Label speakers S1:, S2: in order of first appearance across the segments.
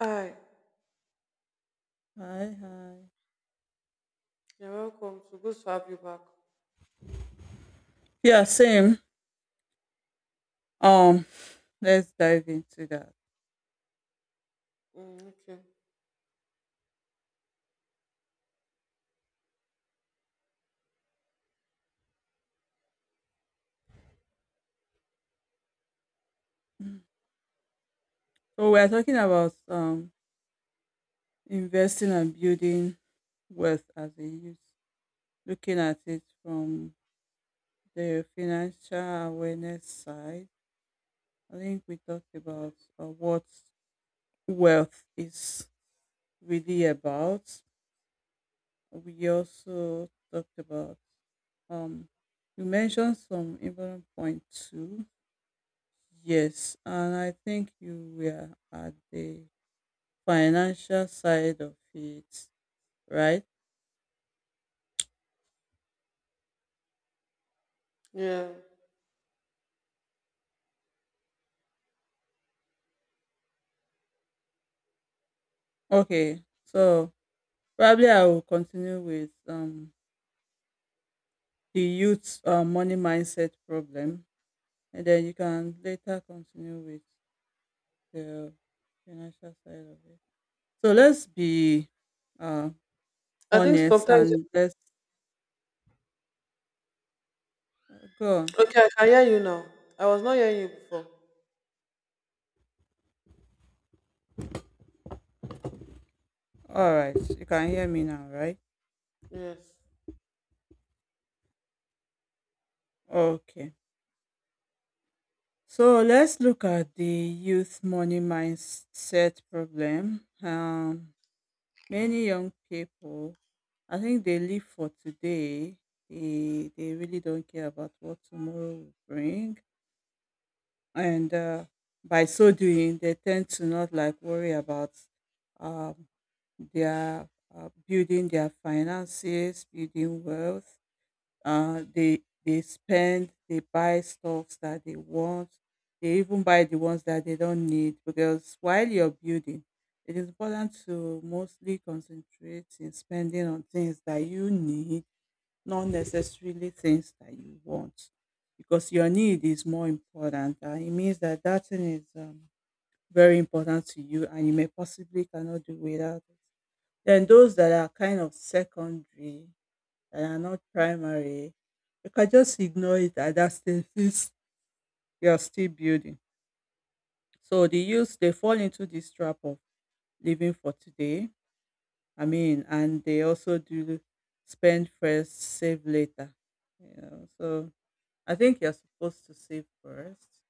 S1: Hi,
S2: Hi, hi.
S1: you're welcome. So good to have you back.
S2: Yeah, same. Um, let's dive into that.
S1: Mm, okay.
S2: So we're talking about investing and building wealth as a youth, looking at it from the financial awareness side. I think we talked about what wealth is really about. We also talked about um you mentioned some important point too. Yes, and I think you were at the financial side of it, right?
S1: Yeah.
S2: Okay, so probably I will continue with the youth money mindset problem, and then you can later continue with the financial side of it. So let's be uh
S1: I think
S2: honest,
S1: sometimes.
S2: and let's go on.
S1: Okay, I can hear you now. I was not hearing you before.
S2: All right, you can hear me now, right?
S1: Yes.
S2: Okay. So let's look at the youth money mindset problem. Many young people, I think they live for today. They really don't care about what tomorrow will bring. And by so doing, they tend to not like worry about um, their building their finances, building wealth. They spend, they buy stuffs that they want. They even buy the ones that they don't need, because while you're building, it is important to mostly concentrate in spending on things that you need, not necessarily things that you want, because your need is more important. And it means that that thing is very important to you, and you may possibly cannot do without it. Then those that are kind of secondary, that are not primary, you can just ignore it at that stage since you are still building. So the youth they fall into this trap of living for today. I mean, and they also do spend first, save later. You know, so I think you're supposed to save first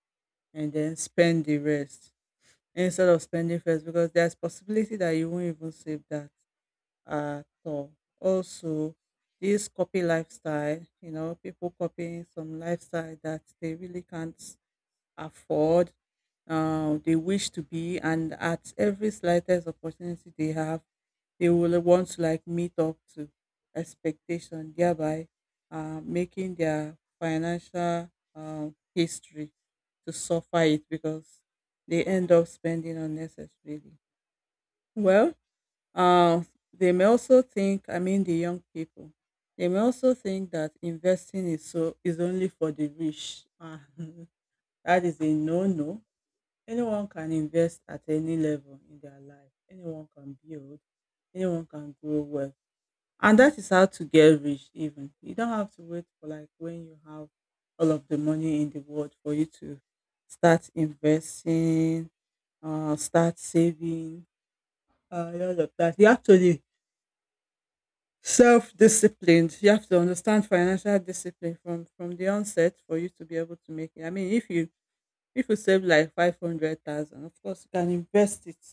S2: and then spend the rest, instead of spending first, because there's possibility that you won't even save that at all. Also, this copy lifestyle, you know, people copying some lifestyle that they really can't afford, they wish to be, and at every slightest opportunity they have, they will want to like meet up to expectation, thereby making their financial uh, history to suffer it, because they end up spending unnecessarily. Well, uh, they may also think, I mean, the young people, they may also think that investing is so is only for the rich. And that is a no-no. Anyone can invest at any level in their life. Anyone can build. Anyone can grow wealth. And that is how to get rich. Even you don't have to wait for like when you have all of the money in the world for you to start investing, start saving, all of that. You actually self-disciplined. You have to understand financial discipline from the onset for you to be able to make it. I mean, if you save like 500,000, of course, you can invest it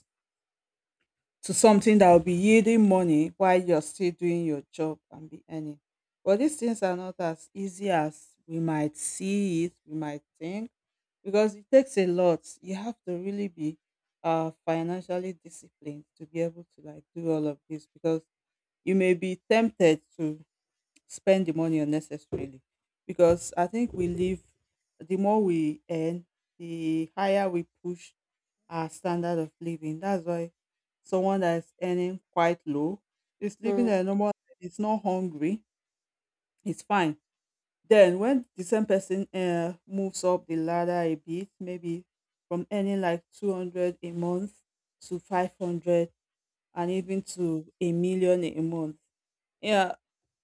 S2: to something that will be yielding money while you're still doing your job and be earning. But these things are not as easy as we might see it, we might think, because it takes a lot. You have to really be financially disciplined to be able to like do all of this, because you may be tempted to spend the money unnecessarily, because I think we live the more we earn, the higher we push our standard of living. That's why someone that is earning quite low is
S1: Mm,
S2: living a normal life, it's not hungry, it's fine. Then when the same person moves up the ladder a bit, maybe from earning like 200 a month to 500 and even to a million a month, yeah,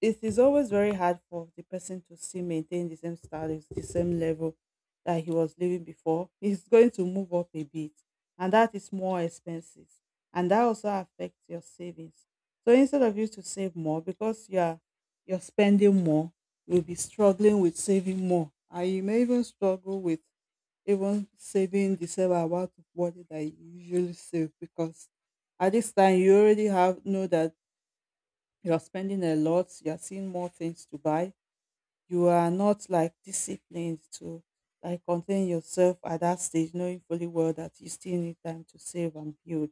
S2: it is always very hard for the person to still maintain the same status, the same level that he was living before. He's going to move up a bit, and that is more expenses, and that also affects your savings. So instead of you to save more, because you are you're spending more, you'll be struggling with saving more, and you may even struggle with even saving the same amount of money that you usually save, because at this time you already have know that you're spending a lot, you're seeing more things to buy, you are not like disciplined to like contain yourself at that stage, knowing fully well that you still need time to save and build,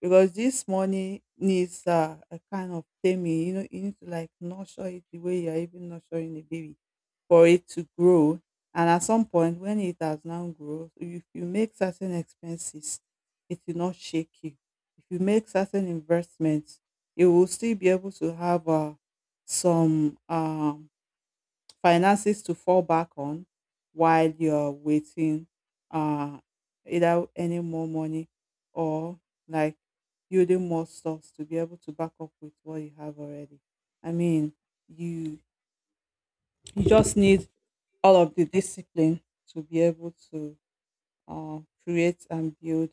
S2: because this money needs a kind of taming, you know, you need to like nurture it the way you're even nurturing a baby for it to grow. And at some point, when it has now grown, if you make certain expenses, it will not shake you. If you make certain investments, you will still be able to have some finances to fall back on while you're waiting uh, either any more money or like building more stocks to be able to back up with what you have already. I mean, you you just need all of the discipline to be able to create and build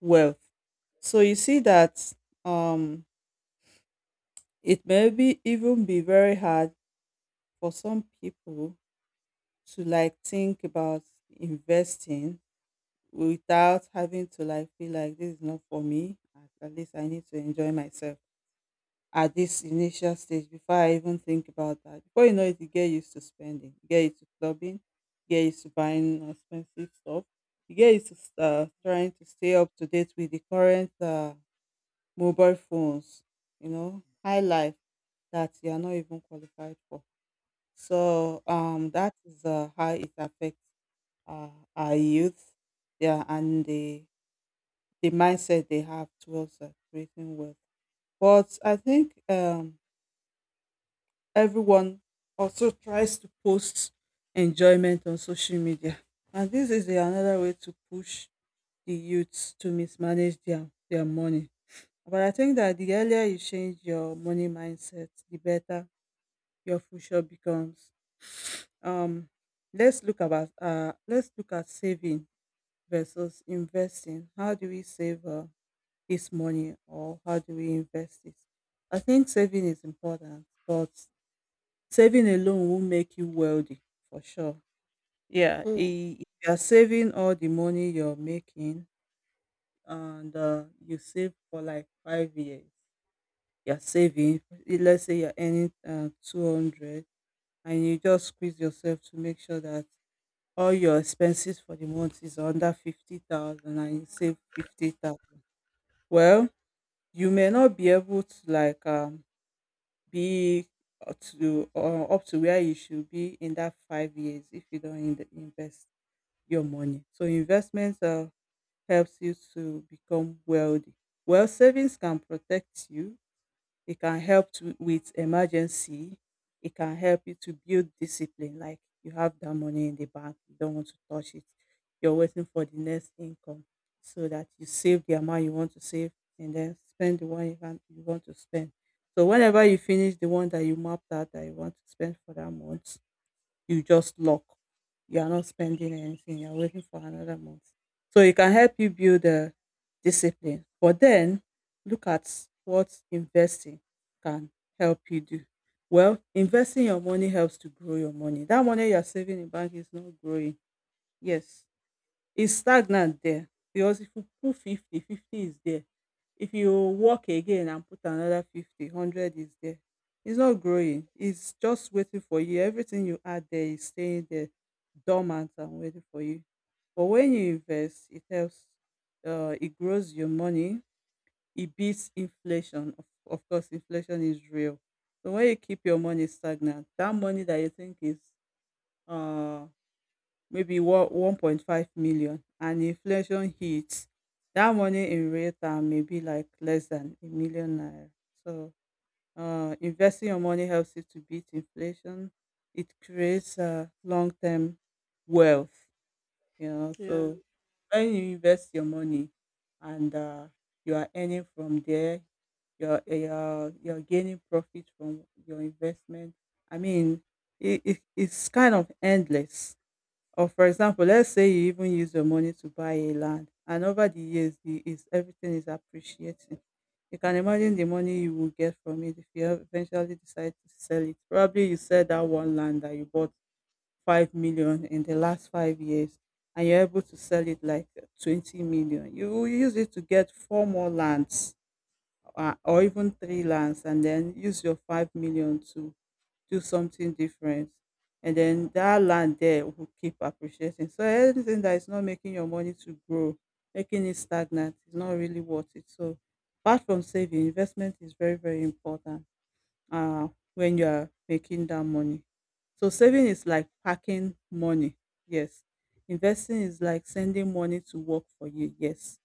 S2: wealth. So you see that um, it may be even be very hard for some people to like think about investing without having to like feel like this is not for me. At least I need to enjoy myself at this initial stage before I even think about that. Before you know it, you get used to spending, you get used to clubbing, you get used to buying expensive stuff, you get used to trying to stay up to date with the current mobile phones, you know, high life that you are not even qualified for. So that is how it affects uh, our youth, yeah, and the mindset they have towards creating wealth. But I think everyone also tries to post enjoyment on social media. And this is another way to push the youths to mismanage their money. But I think that the earlier you change your money mindset, the better your future becomes. Um, let's look at saving versus investing. How do we save this money, or how do we invest it? I think saving is important, but saving alone won't make you wealthy for sure. Yeah,
S1: mm,
S2: I- if you're saving all the money you're making, and you save for like 5 years, you're saving, I- let's say you're earning 200, and you just squeeze yourself to make sure that all your expenses for the month is under 50,000 and you save 50,000. Well, you may not be able to like be to or up to where you should be in that 5 years if you don't in- invest your money. So investment helps you to become wealthy. Well, savings can protect you. It can help to, with emergency. It can help you to build discipline. Like you have that money in the bank, you don't want to touch it. You're waiting for the next income, so that you save the amount you want to save and then spend the one you, can, you want to spend. So whenever you finish the one that you mapped out that you want to spend for that month, you just lock. You are not spending anything. You're waiting for another month. So it can help you build a discipline. But then look at what investing can help you do. Well, investing your money helps to grow your money. That money you're saving in bank is not growing. Yes, it's stagnant there, because if you put 50, 50 is there. If you work again and put another 50, 100 is there. It's not growing. It's just waiting for you. Everything you add there is staying there dormant and waiting for you. But when you invest, it helps. It grows your money. It beats inflation. Of course, inflation is real. So when you keep your money stagnant, that money that you think is uh maybe one 1.5 million, and inflation hits, that money in real term may be like less than a million naira. So investing your money helps you to beat inflation. It creates long term wealth, you know.
S1: yeah.
S2: So when you invest your money and you are earning from there, you're gaining profit from your investment. I mean, it's kind of endless, or for example, let's say you even use your money to buy a land, and over the years the is everything is appreciating. You can imagine the money you will get from it if you ev- eventually decide to sell it. Probably you sell that one land that you bought 5 million in the last 5 years and you're able to sell it like 20 million. You will use it to get four more lands, or even three lands, and then use your 5 million to do something different. And then that land there will keep appreciating, so anything that is not making your money to grow, making it stagnant, is not really worth it. So apart from saving, investment is very very important uh, when you are making that money. So saving is like packing money. Yes. Investing is like sending money to work for you. Yes.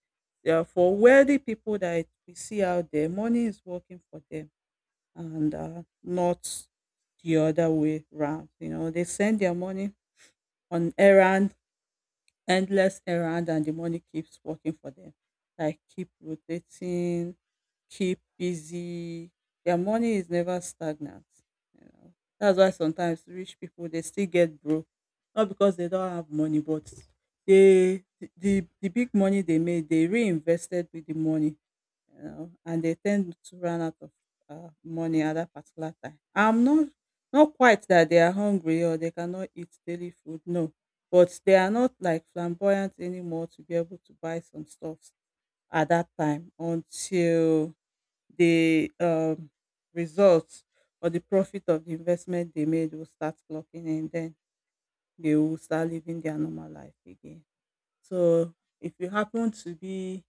S2: Yeah, for wealthy people that we see out there, money is working for them and not the other way round. You know, they send their money on errand, endless errand, and the money keeps working for them. Like keep rotating, keep busy. Their money is never stagnant, you know. That's why sometimes rich people they still get broke. Not because they don't have money, but the big money they made, they reinvested with the money, you know, and they tend to run out of money at that particular time. I'm not Not quite that they are hungry or they cannot eat daily food, no, but they are not like flamboyant anymore to be able to buy some stuffs at that time until the results or the profit of the investment they made will start clocking in. Then they will start living their normal life again. So if you happen to be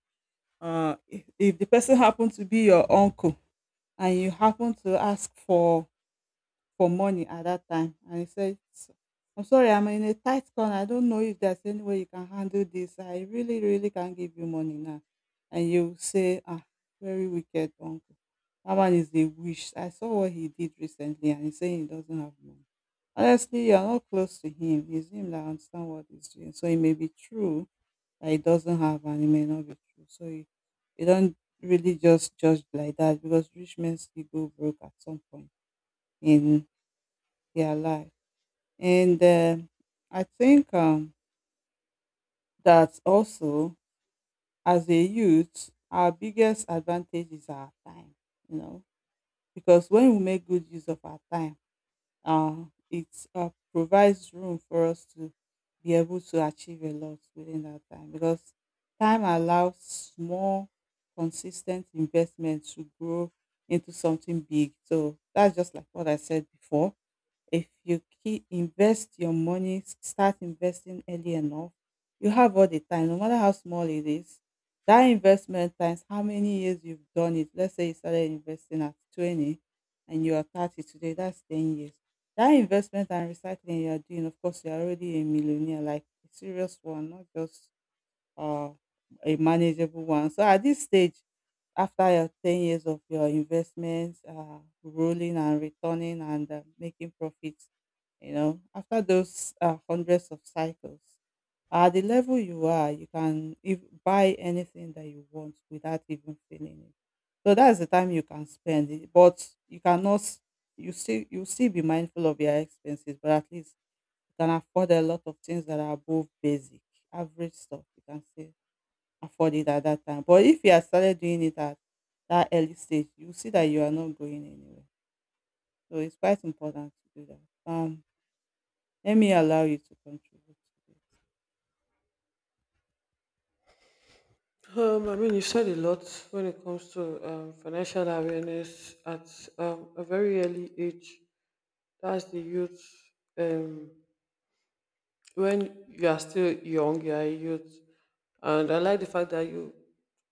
S2: if the person happened to be your uncle and you happen to ask for money at that time and you say, I'm sorry, I'm in a tight corner, I don't know if there's any way you can handle this, I really really can't give you money now," and you say, "Ah, very wicked uncle, that one is a wish, I saw what he did recently and he's saying he doesn't have money." Honestly, you're not close to him, it's him that understand what he's doing, so it may be true that it doesn't have and it may not be true. So you don't really just judge like that, because rich men still go broke at some point in their life. And I think that also, as a youth, our biggest advantage is our time, you know, because when we make good use of our time, Uh, it provides room for us to be able to achieve a lot within that time, because time allows small, consistent investment to grow into something big. So that's just like what I said before: if you keep invest your money, start investing early enough, you have all the time, no matter how small it is. That investment times how many years you've done it. Let's say you started investing at 20 and you are 30 today, that's 10 years. That investment and recycling you are doing, of course, you're already a millionaire, like a serious one, not just or a manageable one. So at this stage, after your 10 years of your investments, rolling and returning and making profits, you know, after those hundreds of cycles, at the level you are, you can if, buy anything that you want without even feeling it. So that's the time you can spend it. But you cannot, you still be mindful of your expenses, but at least you can afford a lot of things that are above basic, average stuff, you can say afford it at that time. But if you had started doing it at that early stage, you see that you are not going anywhere. So it's quite important to do that. Let me allow you to contribute to this.
S1: I mean, you said a lot when it comes to financial awareness at a very early age. That's the youth. Um, when you are still young, you are a youth, and I like the fact that you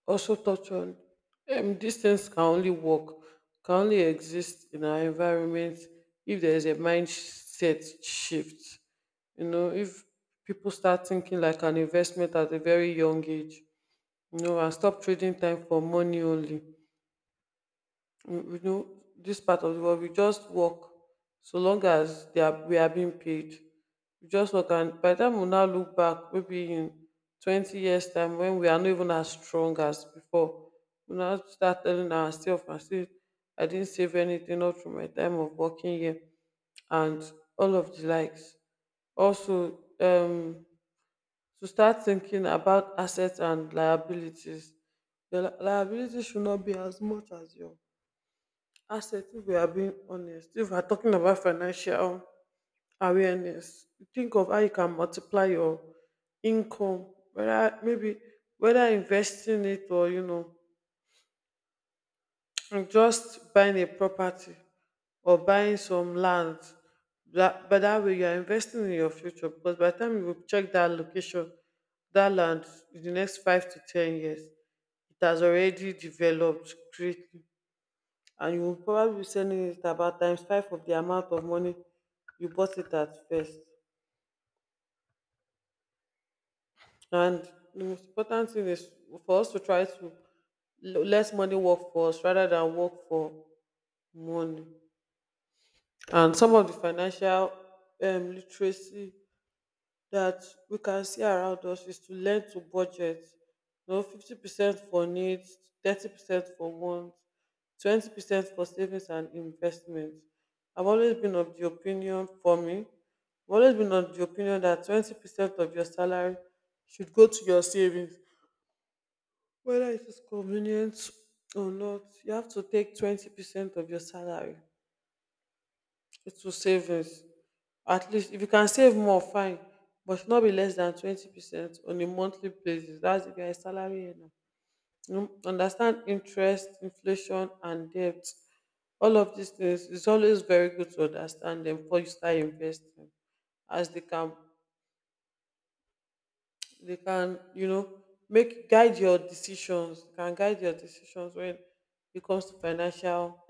S1: also touch on these things can only work, can only exist in our environment if there is a mindset shift. You know, if people start thinking like an investment at a very young age, you know, and stop trading time for money only, we know this part of the world, we just work so long as they are we are being paid. We just work, and by the time we now look back, maybe in 20 years time, when we are not even as strong as before, we now start telling ourselves and say, I didn't save anything not through my time of working here, and all of the likes. Also, to start thinking about assets and liabilities, the liability should not be as much as your assets. If we are being honest, if we are talking about financial awareness, think of how you can multiply your income, whether maybe, whether investing it, or, you know, and just buying a property or buying some land. That, but that way you are investing in your future, because by the time you will check that location, that land in the next 5 to 10 years, it has already developed greatly, and you will probably be sending it about times five of the amount of money you bought it at first. And the most important thing is for us to try to let money work for us rather than work for money. And some of the financial literacy that we can see around us is to learn to budget. You know, 50% for needs, 30% for wants, 20% for savings and investments. I've always been of the opinion, for me, I've always been of the opinion that 20% of your salary should go to your savings. Whether it is convenient or not, you have to take 20% of your salary it will savings. At least if you can save more, fine. But should not be less than 20% on a monthly basis. That's if you're a salary earner. Mm, understand interest, inflation, and debt. All of these things, it's always very good to understand them before you start investing, as they can, you know, make guide your decisions. Can guide your decisions when it comes to financial